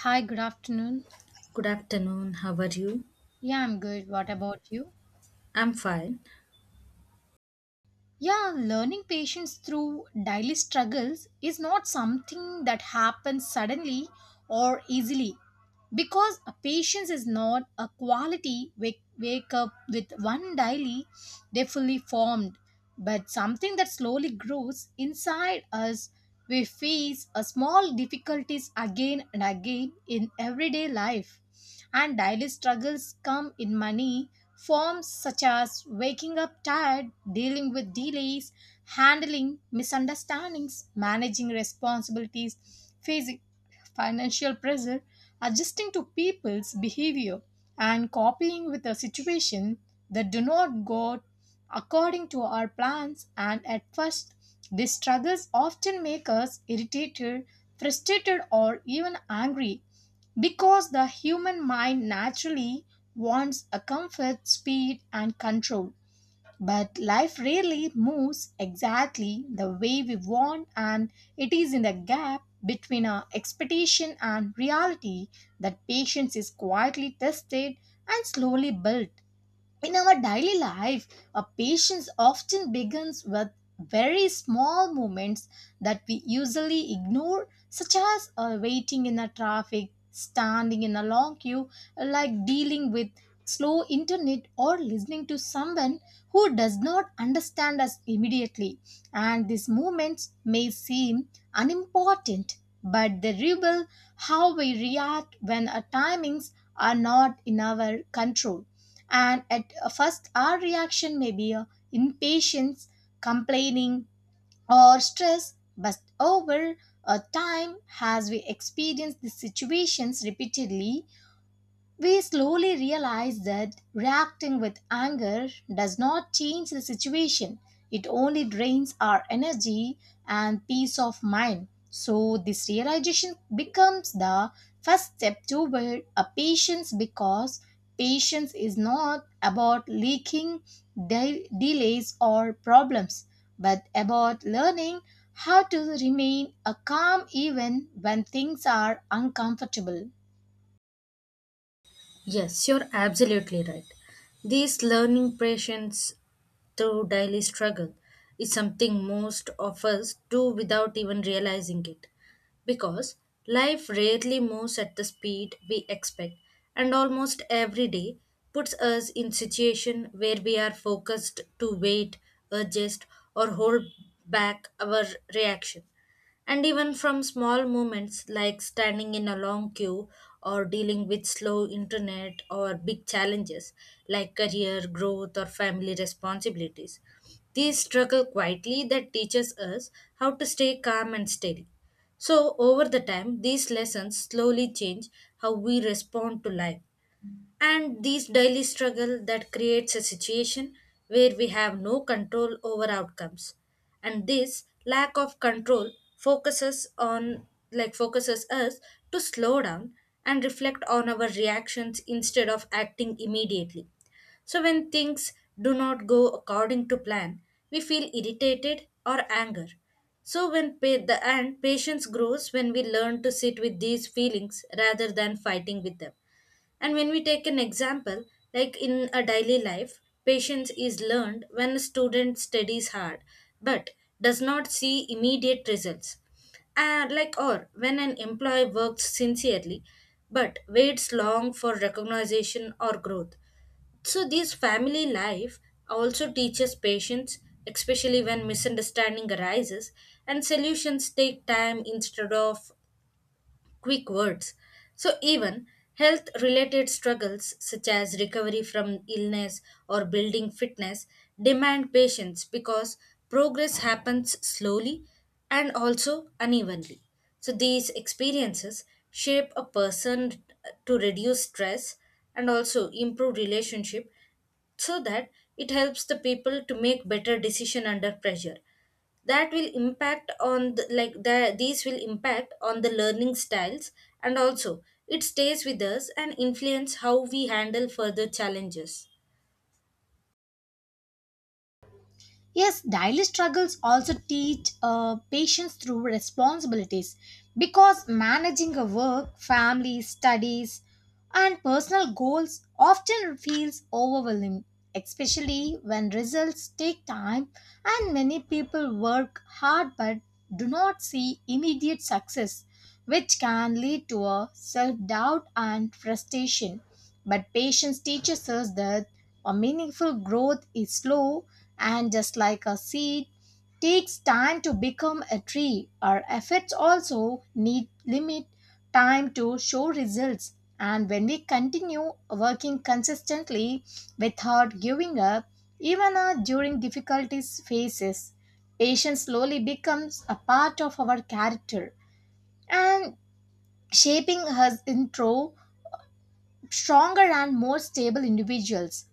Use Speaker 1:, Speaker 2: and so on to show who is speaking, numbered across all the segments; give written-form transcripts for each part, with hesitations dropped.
Speaker 1: Hi, good afternoon.
Speaker 2: Good afternoon. How are you?
Speaker 1: Yeah, I'm good. What about you?
Speaker 2: I'm fine.
Speaker 1: Yeah, learning patience through daily struggles is not something that happens suddenly or easily because a patience is not a quality wake up with one daily they fully formed, but something that slowly grows inside us. We face a small difficulties again and again in everyday life, and daily struggles come in money forms such as waking up tired, dealing with delays, handling misunderstandings, managing responsibilities, facing financial pressure, adjusting to people's behavior, and coping with a situation that do not go according to our plans. And at first these struggles often make us irritated, frustrated, or even angry, because the human mind naturally wants a comfort, speed, and control. But life rarely moves exactly the way we want, and it is in the gap between our expectation and reality that patience is quietly tested and slowly built. In our daily life, a patience often begins with very small moments that we usually ignore, such as waiting in a traffic, standing in a long queue, like dealing with slow internet, or listening to someone who does not understand us immediately. And these moments may seem unimportant, but they reveal how we react when our timings are not in our control. And at first our reaction may be impatience, complaining, or stress, but over time, as we experience these situations repeatedly, we slowly realize that reacting with anger does not change the situation, it only drains our energy and peace of mind. So, this realization becomes the first step toward a patience, because patience is not about leaking delays or problems, but about learning how to remain a calm even when things are uncomfortable.
Speaker 2: Yes, you're absolutely right. These learning patience through daily struggle is something most of us do without even realizing it. Because life rarely moves at the speed we expect, and almost every day puts us in situation where we are focused to wait, adjust, or hold back our reaction. And even from small moments like standing in a long queue or dealing with slow internet or big challenges like career growth or family responsibilities, these struggle quietly that teaches us how to stay calm and steady. So over the time, these lessons slowly change how we respond to life, and these daily struggle that creates a situation where we have no control over outcomes, and this lack of control focuses on like focuses us to slow down and reflect on our reactions instead of acting immediately. So when things do not go according to plan, we feel irritated or anger. So when pa- the and patience grows when we learn to sit with these feelings rather than fighting with them. And when we take an example, like in a daily life, patience is learned when a student studies hard but does not see immediate results. And like or when an employee works sincerely but waits long for recognition or growth. So this family life also teaches patience, especially when misunderstanding arises and solutions take time instead of quick words. So, even health related struggles such as recovery from illness or building fitness demand patience because progress happens slowly and also unevenly. So, these experiences shape a person to reduce stress and also improve relationship so that it helps the people to make better decision under pressure that will impact on these will impact on the learning styles, and also it stays with us and influence how we handle further challenges.
Speaker 1: Yes, daily struggles also teach patience through responsibilities, because managing a work, family, studies, and personal goals often feels overwhelming, especially when results take time, and many people work hard but do not see immediate success, which can lead to a self doubt and frustration. But patience teaches us that a meaningful growth is slow, and just like a seed takes time to become a tree, our efforts also need limit time to show results. And when we continue working consistently without giving up, even during difficulties phases, patience slowly becomes a part of our character and shaping us into stronger and more stable individuals.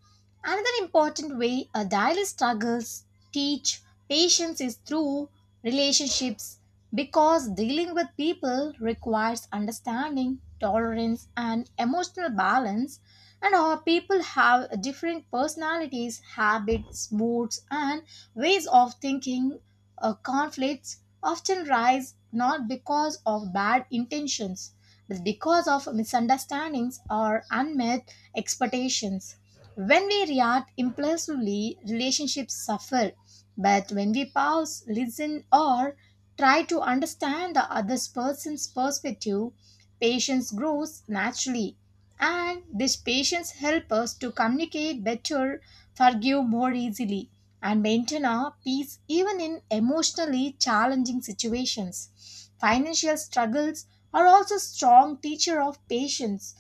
Speaker 1: Another important way a daily struggles teach patience is through relationships, because dealing with people requires understanding, tolerance, and emotional balance. And our people have different personalities, habits, moods, and ways of thinking. Conflicts often rise not because of bad intentions, because of misunderstandings or unmet expectations. When we react impulsively, relationships suffer. But when we pause, listen, or try to understand the other person's perspective, patience grows naturally. And this patience helps us to communicate better, forgive more easily, and maintain our peace even in emotionally challenging situations. Financial struggles are also strong teacher of patience,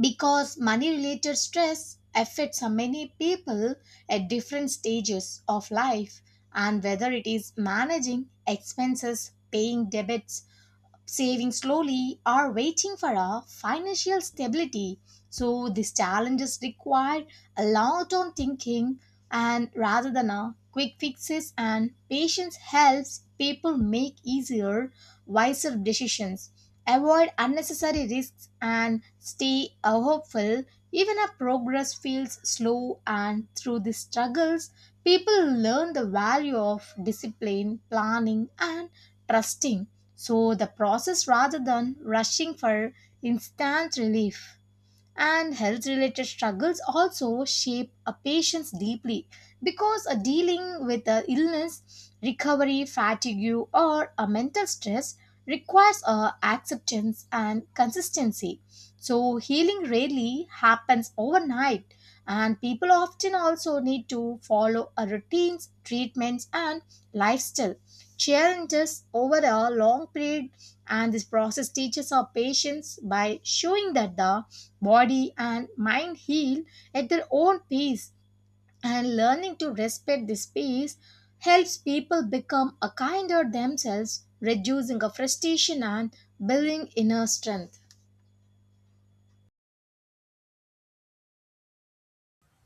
Speaker 1: because money related stress affects many people at different stages of life, and whether it is managing expenses, paying debts, saving slowly, or waiting for a financial stability. So these challenges require a lot of thinking, and rather than a quick fixes, and patience helps people make easier, wiser decisions, avoid unnecessary risks, and stay hopeful even if progress feels slow. And through these struggles people learn the value of discipline, planning, and trusting. So the process, rather than rushing for instant relief, and health related struggles also shape a patient's deeply, because a dealing with a illness, recovery, fatigue, or a mental stress requires a acceptance and consistency. So healing rarely happens overnight, and people often also need to follow a routines, treatments, and lifestyle challenges over a long period. And this process teaches our patients by showing that the body and mind heal at their own pace, and learning to respect this pace helps people become a kinder themselves, reducing a frustration and building inner strength.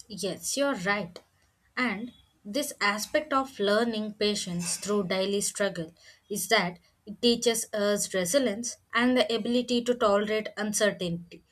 Speaker 2: Yes, you're right. And this aspect of learning patience through daily struggle is that it teaches us resilience and the ability to tolerate uncertainty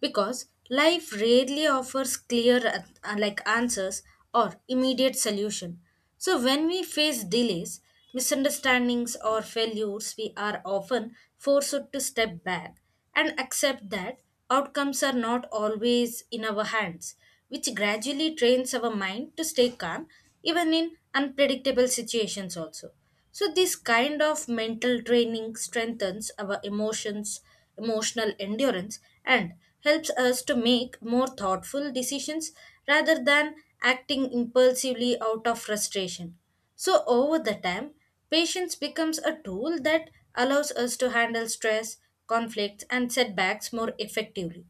Speaker 2: because life rarely offers clear answers or immediate solution. So when we face delays, misunderstandings or failures, we are often forced to step back and accept that outcomes are not always in our hands, which gradually trains our mind to stay calm even in unpredictable situations also. So this kind of mental training strengthens emotional endurance and helps us to make more thoughtful decisions rather than acting impulsively out of frustration. So, over the time, patience becomes a tool that allows us to handle stress, conflicts, and setbacks more effectively,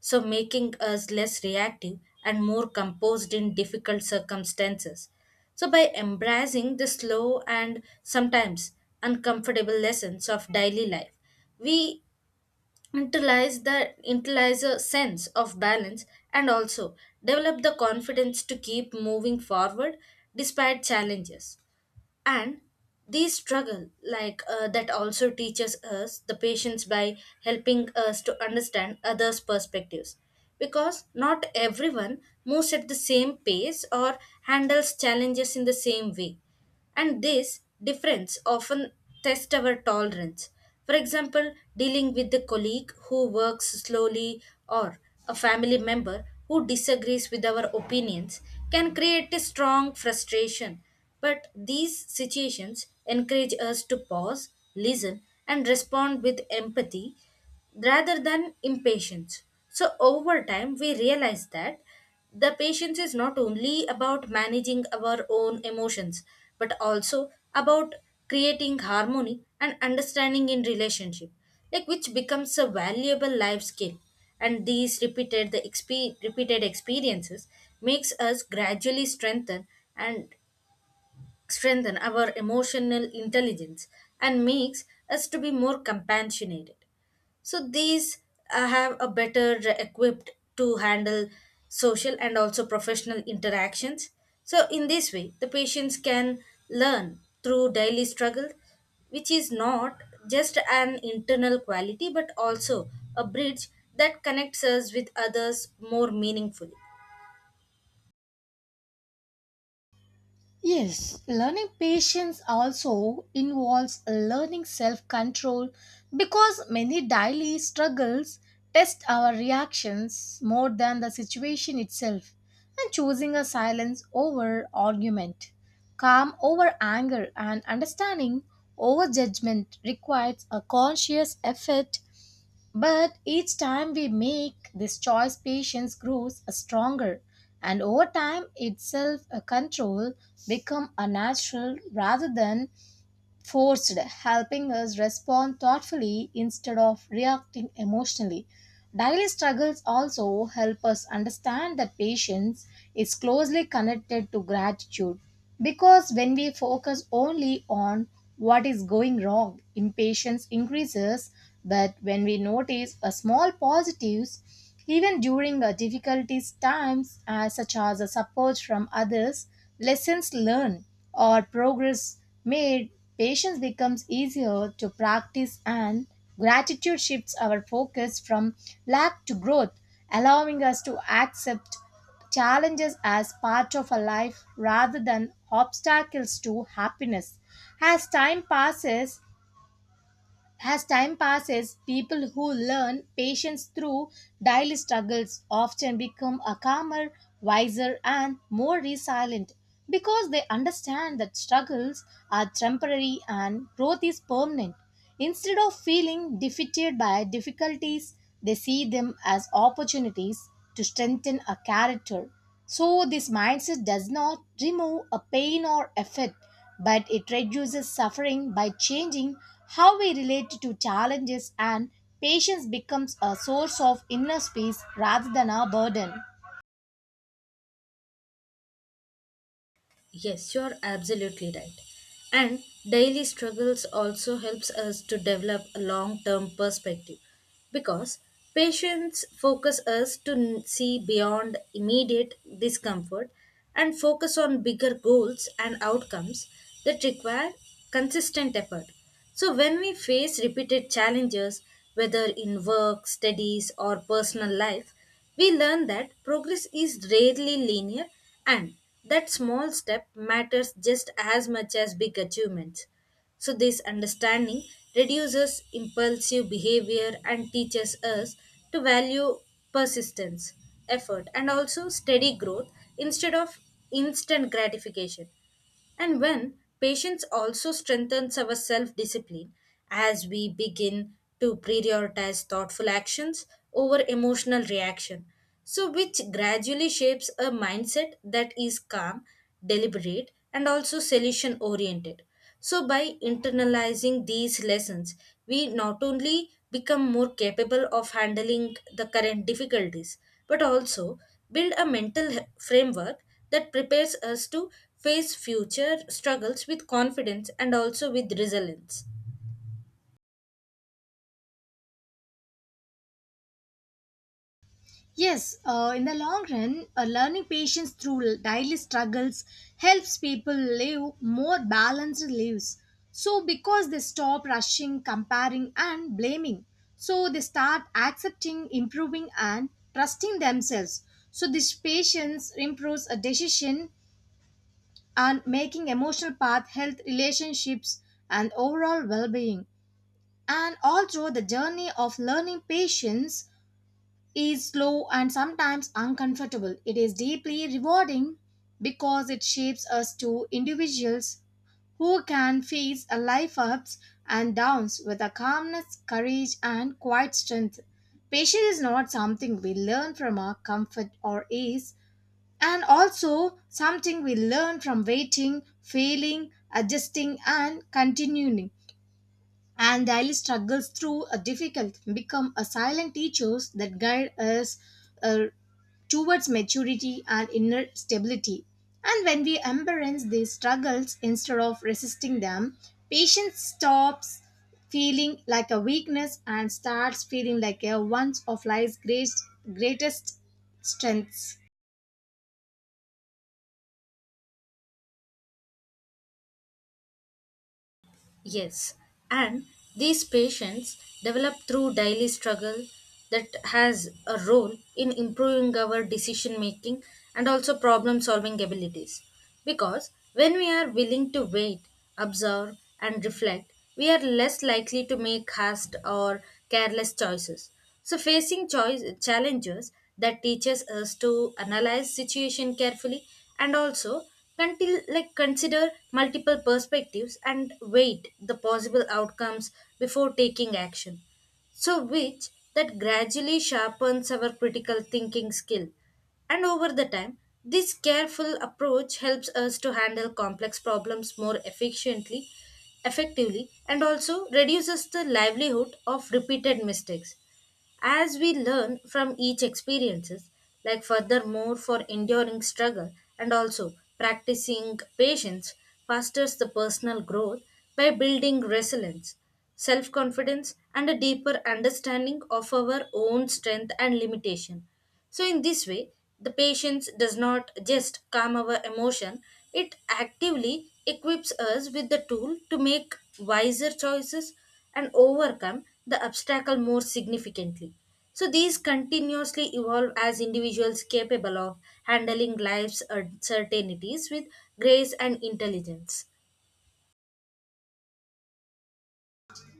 Speaker 2: so making us less reactive and more composed in difficult circumstances. So, by embracing the slow and sometimes uncomfortable lessons of daily life, we internalize the internalize a sense of balance, and also develop the confidence to keep moving forward despite challenges. And these struggle that also teaches us the patience by helping us to understand others perspectives because not everyone moves at the same pace or handles challenges in the same way, and this difference often tests our tolerance. For example, dealing with a colleague who works slowly or a family member who disagrees with our opinions can create a strong frustration, but these situations encourage us to pause, listen, and respond with empathy rather than impatience. So, over time, we realize that the patience is not only about managing our own emotions, but also about creating harmony and understanding in relationship, like which becomes a valuable life skill. And these repeated experiences makes us gradually and strengthen our emotional intelligence and makes us to be more compassionate, so these have a better equipped to handle social and also professional interactions. So in this way the patients can learn through daily struggle, which is not just an internal quality but also a bridge that connects us with others more meaningfully.
Speaker 1: Yes, learning patience also involves learning self control, because many daily struggles test our reactions more than the situation itself, and choosing a silence over argument, calm over anger, and understanding over judgment requires a conscious effort. But each time we make this choice, patience grows stronger, and over time, itself a control become a natural rather than forced, helping us respond thoughtfully instead of reacting emotionally. Daily struggles also help us understand that patience is closely connected to gratitude, because when we focus only on what is going wrong, impatience increases. But when we notice a small positives, even during difficulties times, such as a support from others, lessons learned, or progress made, patience becomes easier to practice, and gratitude shifts our focus from lack to growth, allowing us to accept challenges as part of a life rather than obstacles to happiness. As time passes, as time passes, people who learn patience through daily struggles often become a calmer, wiser, and more resilient, because they understand that struggles are temporary and growth is permanent. Instead of feeling defeated by difficulties, they see them as opportunities to strengthen a character. So, this mindset does not remove a pain or effort, but it reduces suffering by changing how we relate to challenges, and patience becomes a source of inner peace rather than a burden.
Speaker 2: Yes, you are absolutely right. And daily struggles also helps us to develop a long-term perspective because patience focus us to n- see beyond immediate discomfort and focus on bigger goals and outcomes that require consistent effort. So when we face repeated challenges whether in work, studies or personal life, we learn that progress is rarely linear and that small step matters just as much as big achievements. So, this understanding reduces impulsive behavior and teaches us to value persistence, effort, and also steady growth instead of instant gratification. And when patience also strengthens our self discipline as we begin to prioritize thoughtful actions over emotional reaction. So, which gradually shapes a mindset that is calm, deliberate, and also solution oriented. So, by internalizing these lessons, we not only become more capable of handling the current difficulties, but also build a framework that prepares us to face future struggles with confidence and also with resilience.
Speaker 1: Yes, in the long run, learning patience through daily struggles helps people live more balanced lives, so because they stop rushing, comparing, and blaming, so they start accepting, improving, and trusting themselves. So this patience improves a decision and making emotional path, health, relationships, and overall well being. And although the journey of learning patience is slow and sometimes uncomfortable, it is deeply rewarding, because it shapes us to individuals who can face a life ups and downs with a calmness, courage, and quiet strength. Patience is not something we learn from our comfort or ease, and also something we learn from waiting, failing, adjusting, and continuing. And daily struggles through a difficult become a silent teachers that guide us uh, towards maturity and inner stability. And when we embrace these struggles instead of resisting them, patience stops feeling like a weakness and starts feeling like a one of life's greatest strengths.
Speaker 2: Yes, and these patients develop through daily struggle that has a role in improving our decision making and also problem solving abilities. Because when we are willing to wait, observe, and reflect, we are less likely to make hasty or careless choices. So facing choice challenges that teaches us to analyze situation carefully, and also until like consider multiple perspectives and weight the possible outcomes before taking action. So which that gradually sharpens our critical thinking skill. And over the time, this careful approach helps us to handle complex problems more efficiently, effectively, and also reduces the livelihood of repeated mistakes as we learn from each experiences, like furthermore for enduring struggle and also practicing patience fosters the personal growth by building resilience, self confidence and a deeper understanding of our own strength and limitation. So in this way the patience does not just calm our emotion, it actively equips us with the tool to make wiser choices and overcome the obstacle more significantly. So these continuously evolve as individuals capable of handling life's uncertainties with grace and intelligence.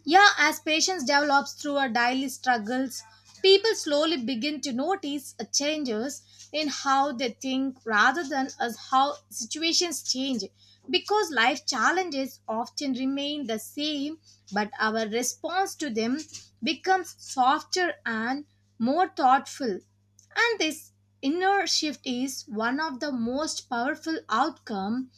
Speaker 1: Yeah, as patience develops through our daily struggles, people slowly begin to notice changes in how they think rather than as how situations change. Because life challenges often remain the same, but our response to them becomes softer and more thoughtful. And this inner shift is one of the most powerful outcome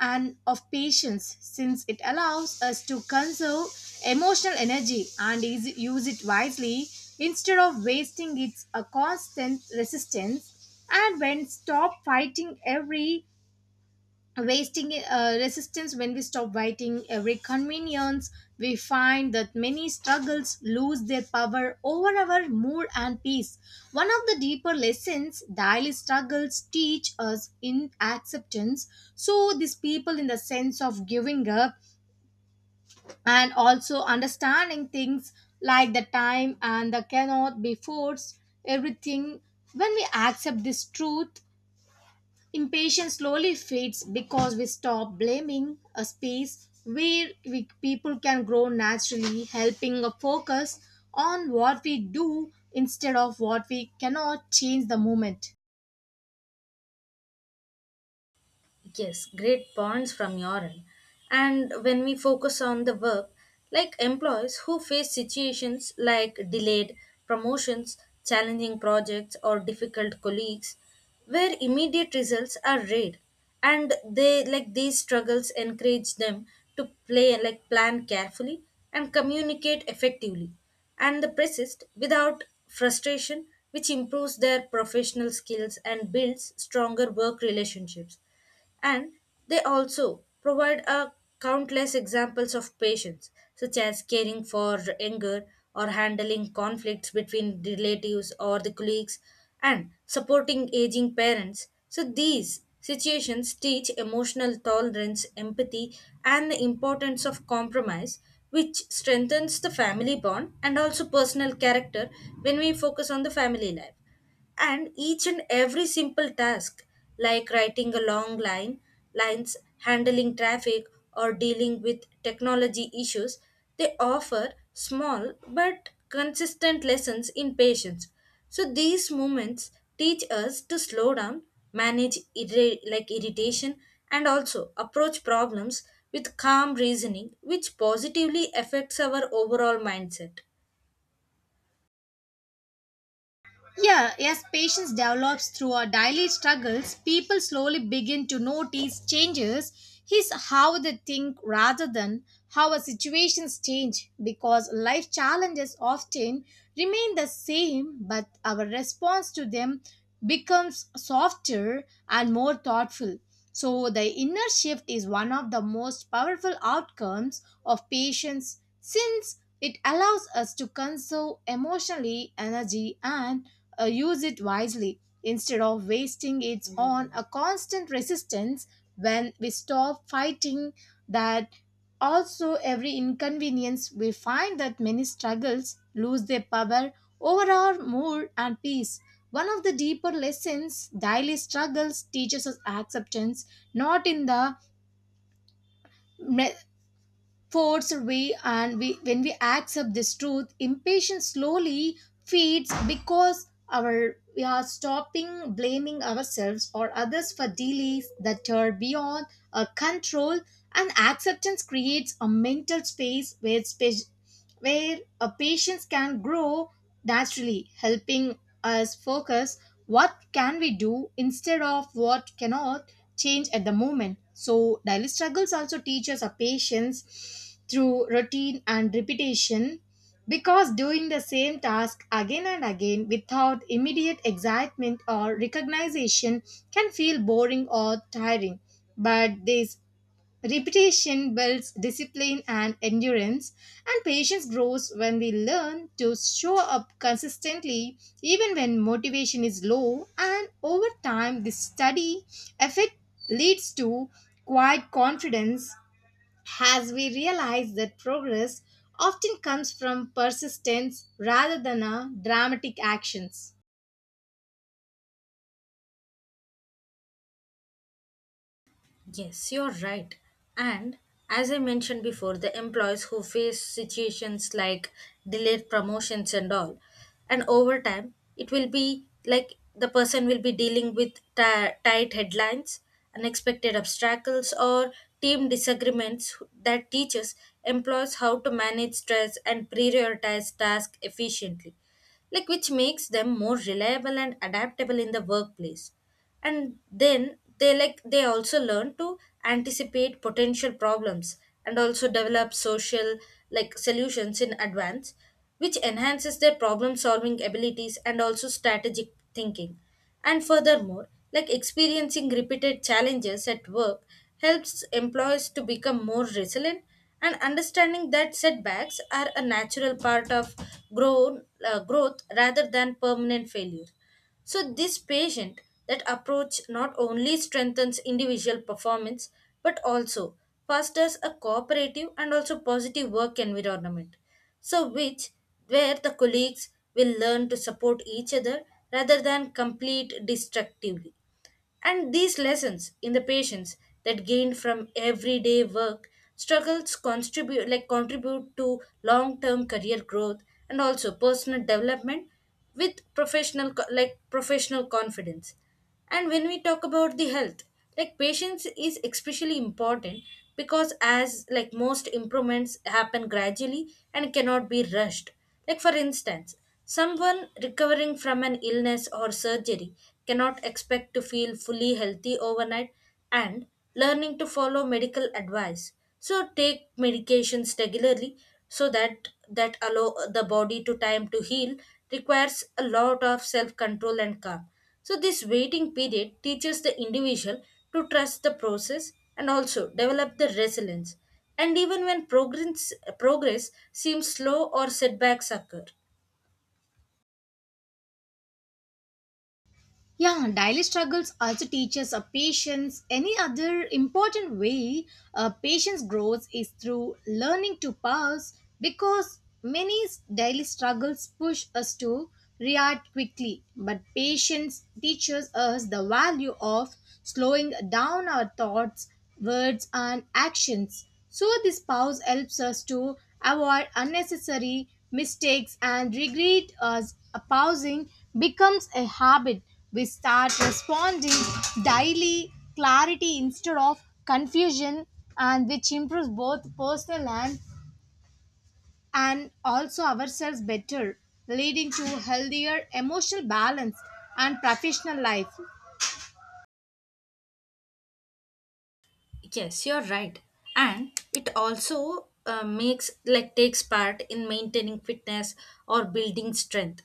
Speaker 1: and of patience, since it allows us to conserve emotional energy and is, use it wisely instead of wasting its a constant resistance. And when stop fighting every wasting resistance When we stop fighting every convenience, we find that many struggles lose their power over our mood and peace. One of the deeper lessons daily struggles teach us in acceptance, so these people in the sense of giving up, and also understanding things like the time and the cannot be forced everything. When we accept this truth, impatience slowly fades, because we stop blaming a space where we, people can grow naturally, helping a focus on what we do instead of what we cannot change the moment.
Speaker 2: Yes, great points from your end. And when we focus on the work, like employees who face situations like delayed promotions, challenging projects, or difficult colleagues, where immediate results are rare, and they like these struggles encourage them to play like plan carefully and communicate effectively, and the persist without frustration, which improves their professional skills and builds stronger work relationships. And they also provide a countless examples of patience such as caring for anger or handling conflicts between relatives or the colleagues and supporting aging parents. So these situations teach emotional tolerance, empathy, and the importance of compromise, which strengthens the family bond and also personal character. When we focus on the family life and each and every simple task like writing a long line lines, handling traffic, or dealing with technology issues, they offer small but consistent lessons in patience. So these moments teach us to slow down, manage irritation, and also approach problems with calm reasoning, which positively affects our overall mindset.
Speaker 1: Yeah, as patience develops through our daily struggles, people slowly begin to notice changes is how they think rather than how our situations change, because life challenges often remain the same but our response to them becomes softer and more thoughtful. So, the inner shift is one of the most powerful outcomes of patience, since it allows us to conserve emotionally energy and use it wisely instead of wasting it on a constant resistance. When we stop fighting that also, every inconvenience, we find that many struggles lose their power over our mood and peace. One of the deeper lessons daily struggles teaches us acceptance, not in the force we and we when we accept this truth impatience slowly feeds, because our we are stopping blaming ourselves or others for delays that are beyond our control. And acceptance creates a mental space where a patience can grow naturally, helping us focus what can we do instead of what cannot change at the moment. So daily struggles also teach us a patience through routine and repetition, because doing the same task again and again without immediate excitement or recognition can feel boring or tiring. But this repetition builds discipline and endurance, and patience grows when we learn to show up consistently even when motivation is low. And over time, this study effect leads to quiet confidence as we realize that progress often comes from persistence rather than a dramatic actions.
Speaker 2: Yes, you're right. And as I mentioned before, the employees who face situations like delayed promotions and all, and over time, it will be like the person will be dealing with tight headlines, unexpected obstacles, or team disagreements that teaches employees how to manage stress and prioritize tasks efficiently, like which makes them more reliable and adaptable in the workplace. And then they like they also learn to anticipate potential problems and also develop social like solutions in advance, which enhances their problem solving abilities and also strategic thinking. And furthermore like experiencing repeated challenges at work helps employees to become more resilient, and understanding that setbacks are a natural part of growth rather than permanent failure. So, this patient that approach not only strengthens individual performance but also fosters a cooperative and also positive work environment. So, which where the colleagues will learn to support each other rather than complete destructively. And these lessons in the patients that gained from everyday work struggles contribute to long-term career growth and also personal development with professional co- like professional confidence. And when we talk about the health, like patience is especially important because as like most improvements happen gradually and cannot be rushed. Like, for instance, someone recovering from an illness or surgery cannot expect to feel fully healthy overnight, and learning to follow medical advice. So, take medications regularly so that that allow the body to time to heal requires a lot of self control and calm. So, this waiting period teaches the individual to trust the process and also develop the resilience, and even when progress seems slow or setbacks occur.
Speaker 1: Yeah, daily struggles also teaches a patience. Any other important way a patience grows is through learning to pause, because many daily struggles push us to react quickly. But patience teaches us the value of slowing down our thoughts, words, and actions. So, this pause helps us to avoid unnecessary mistakes and regret as a pausing becomes a habit. We start responding daily clarity instead of confusion, and which improves both personal and also ourselves better, leading to healthier emotional balance and professional life.
Speaker 2: Yes, you're right. And it also makes like takes part in maintaining fitness or building strength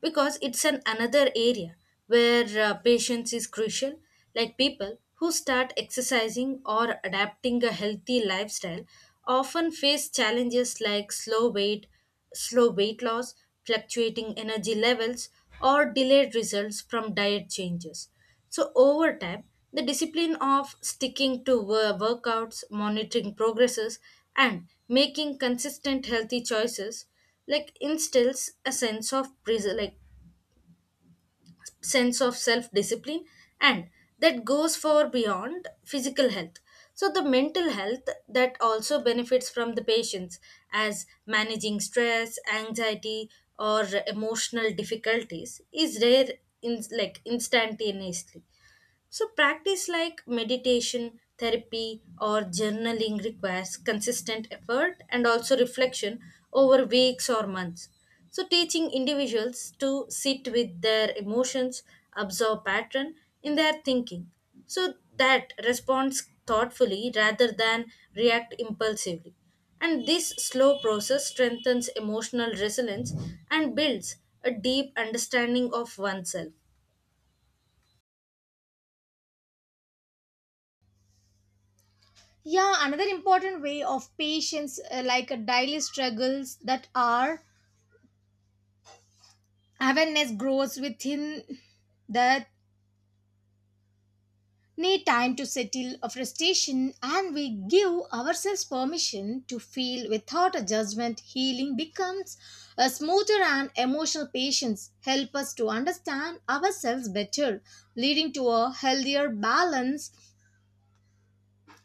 Speaker 2: because it's an another area where patience is crucial, like people who start exercising or adapting a healthy lifestyle often face challenges like slow weight loss, fluctuating energy levels, or delayed results from diet changes. So, over time, the discipline of sticking to workouts, monitoring progresses, and making consistent healthy choices like instills a sense of self discipline, and that goes far beyond physical health. So the mental health that also benefits from the patients as managing stress, anxiety, or emotional difficulties is rare in like instantaneously. So, practice like meditation, therapy, or journaling requires consistent effort and also reflection over weeks or months. So, teaching individuals to sit with their emotions, observe pattern in their thinking, so that responds thoughtfully rather than react impulsively. And this slow process strengthens emotional resilience and builds a deep understanding of oneself.
Speaker 1: Yeah, another important way of patience, like daily struggles that are awareness grows within that need time to settle a frustration, and we give ourselves permission to feel without a judgment. Healing becomes a smoother, and emotional patience help us to understand ourselves better, leading to a healthier balance.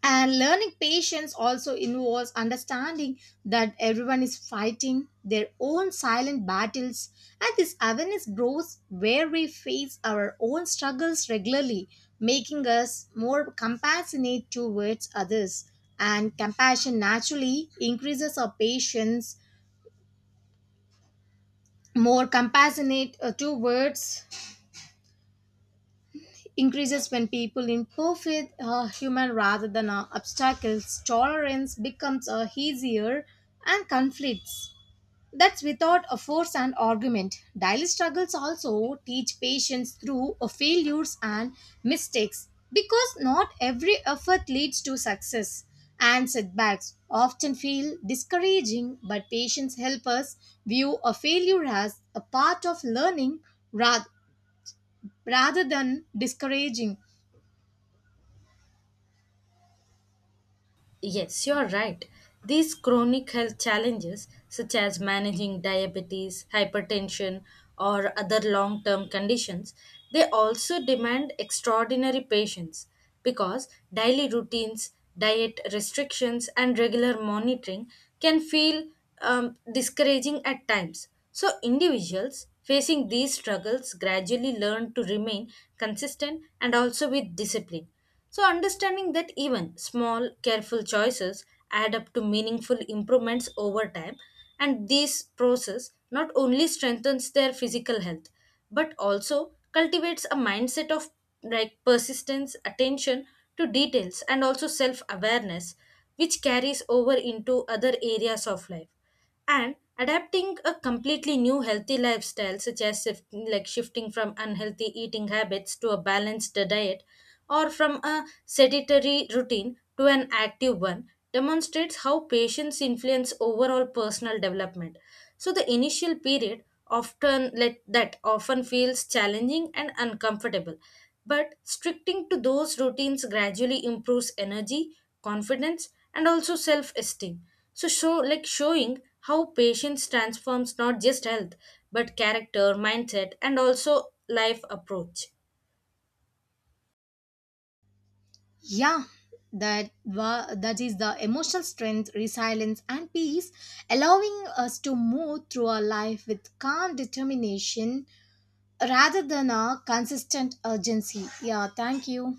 Speaker 1: And learning patience also involves understanding that everyone is fighting their own silent battles, and this awareness grows where we face our own struggles regularly, making us more compassionate towards others. And compassion naturally increases our patience, more compassionate towards increases when people improve with human rather than obstacles, tolerance becomes easier, and conflicts that's without a force and argument. Daily struggles also teach patience through failures and mistakes, because not every effort leads to success and setbacks often feel discouraging, but patience helps us view a failure as a part of learning rather rather than discouraging.
Speaker 2: Yes, you're right. These chronic health challenges, such as managing diabetes, hypertension, or other long term conditions, they also demand extraordinary patience because daily routines, diet restrictions, and regular monitoring can feel discouraging at times. So, individuals facing these struggles gradually learn to remain consistent and also with discipline. So, understanding that even small, careful choices add up to meaningful improvements over time, and this process not only strengthens their physical health but also cultivates a mindset of like persistence, attention to details, and also self awareness, which carries over into other areas of life. And adapting a completely new healthy lifestyle such as if, like shifting from unhealthy eating habits to a balanced diet or from a sedentary routine to an active one demonstrates how patience influence overall personal development. So the initial period often let that often feels challenging and uncomfortable. But stricting to those routines gradually improves energy, confidence, and also self-esteem. So showing how patience transforms not just health, but character, mindset, and also life approach.
Speaker 1: Yeah, that is the emotional strength, resilience, and peace, allowing us to move through our life with calm determination rather than a consistent urgency. Yeah, thank you.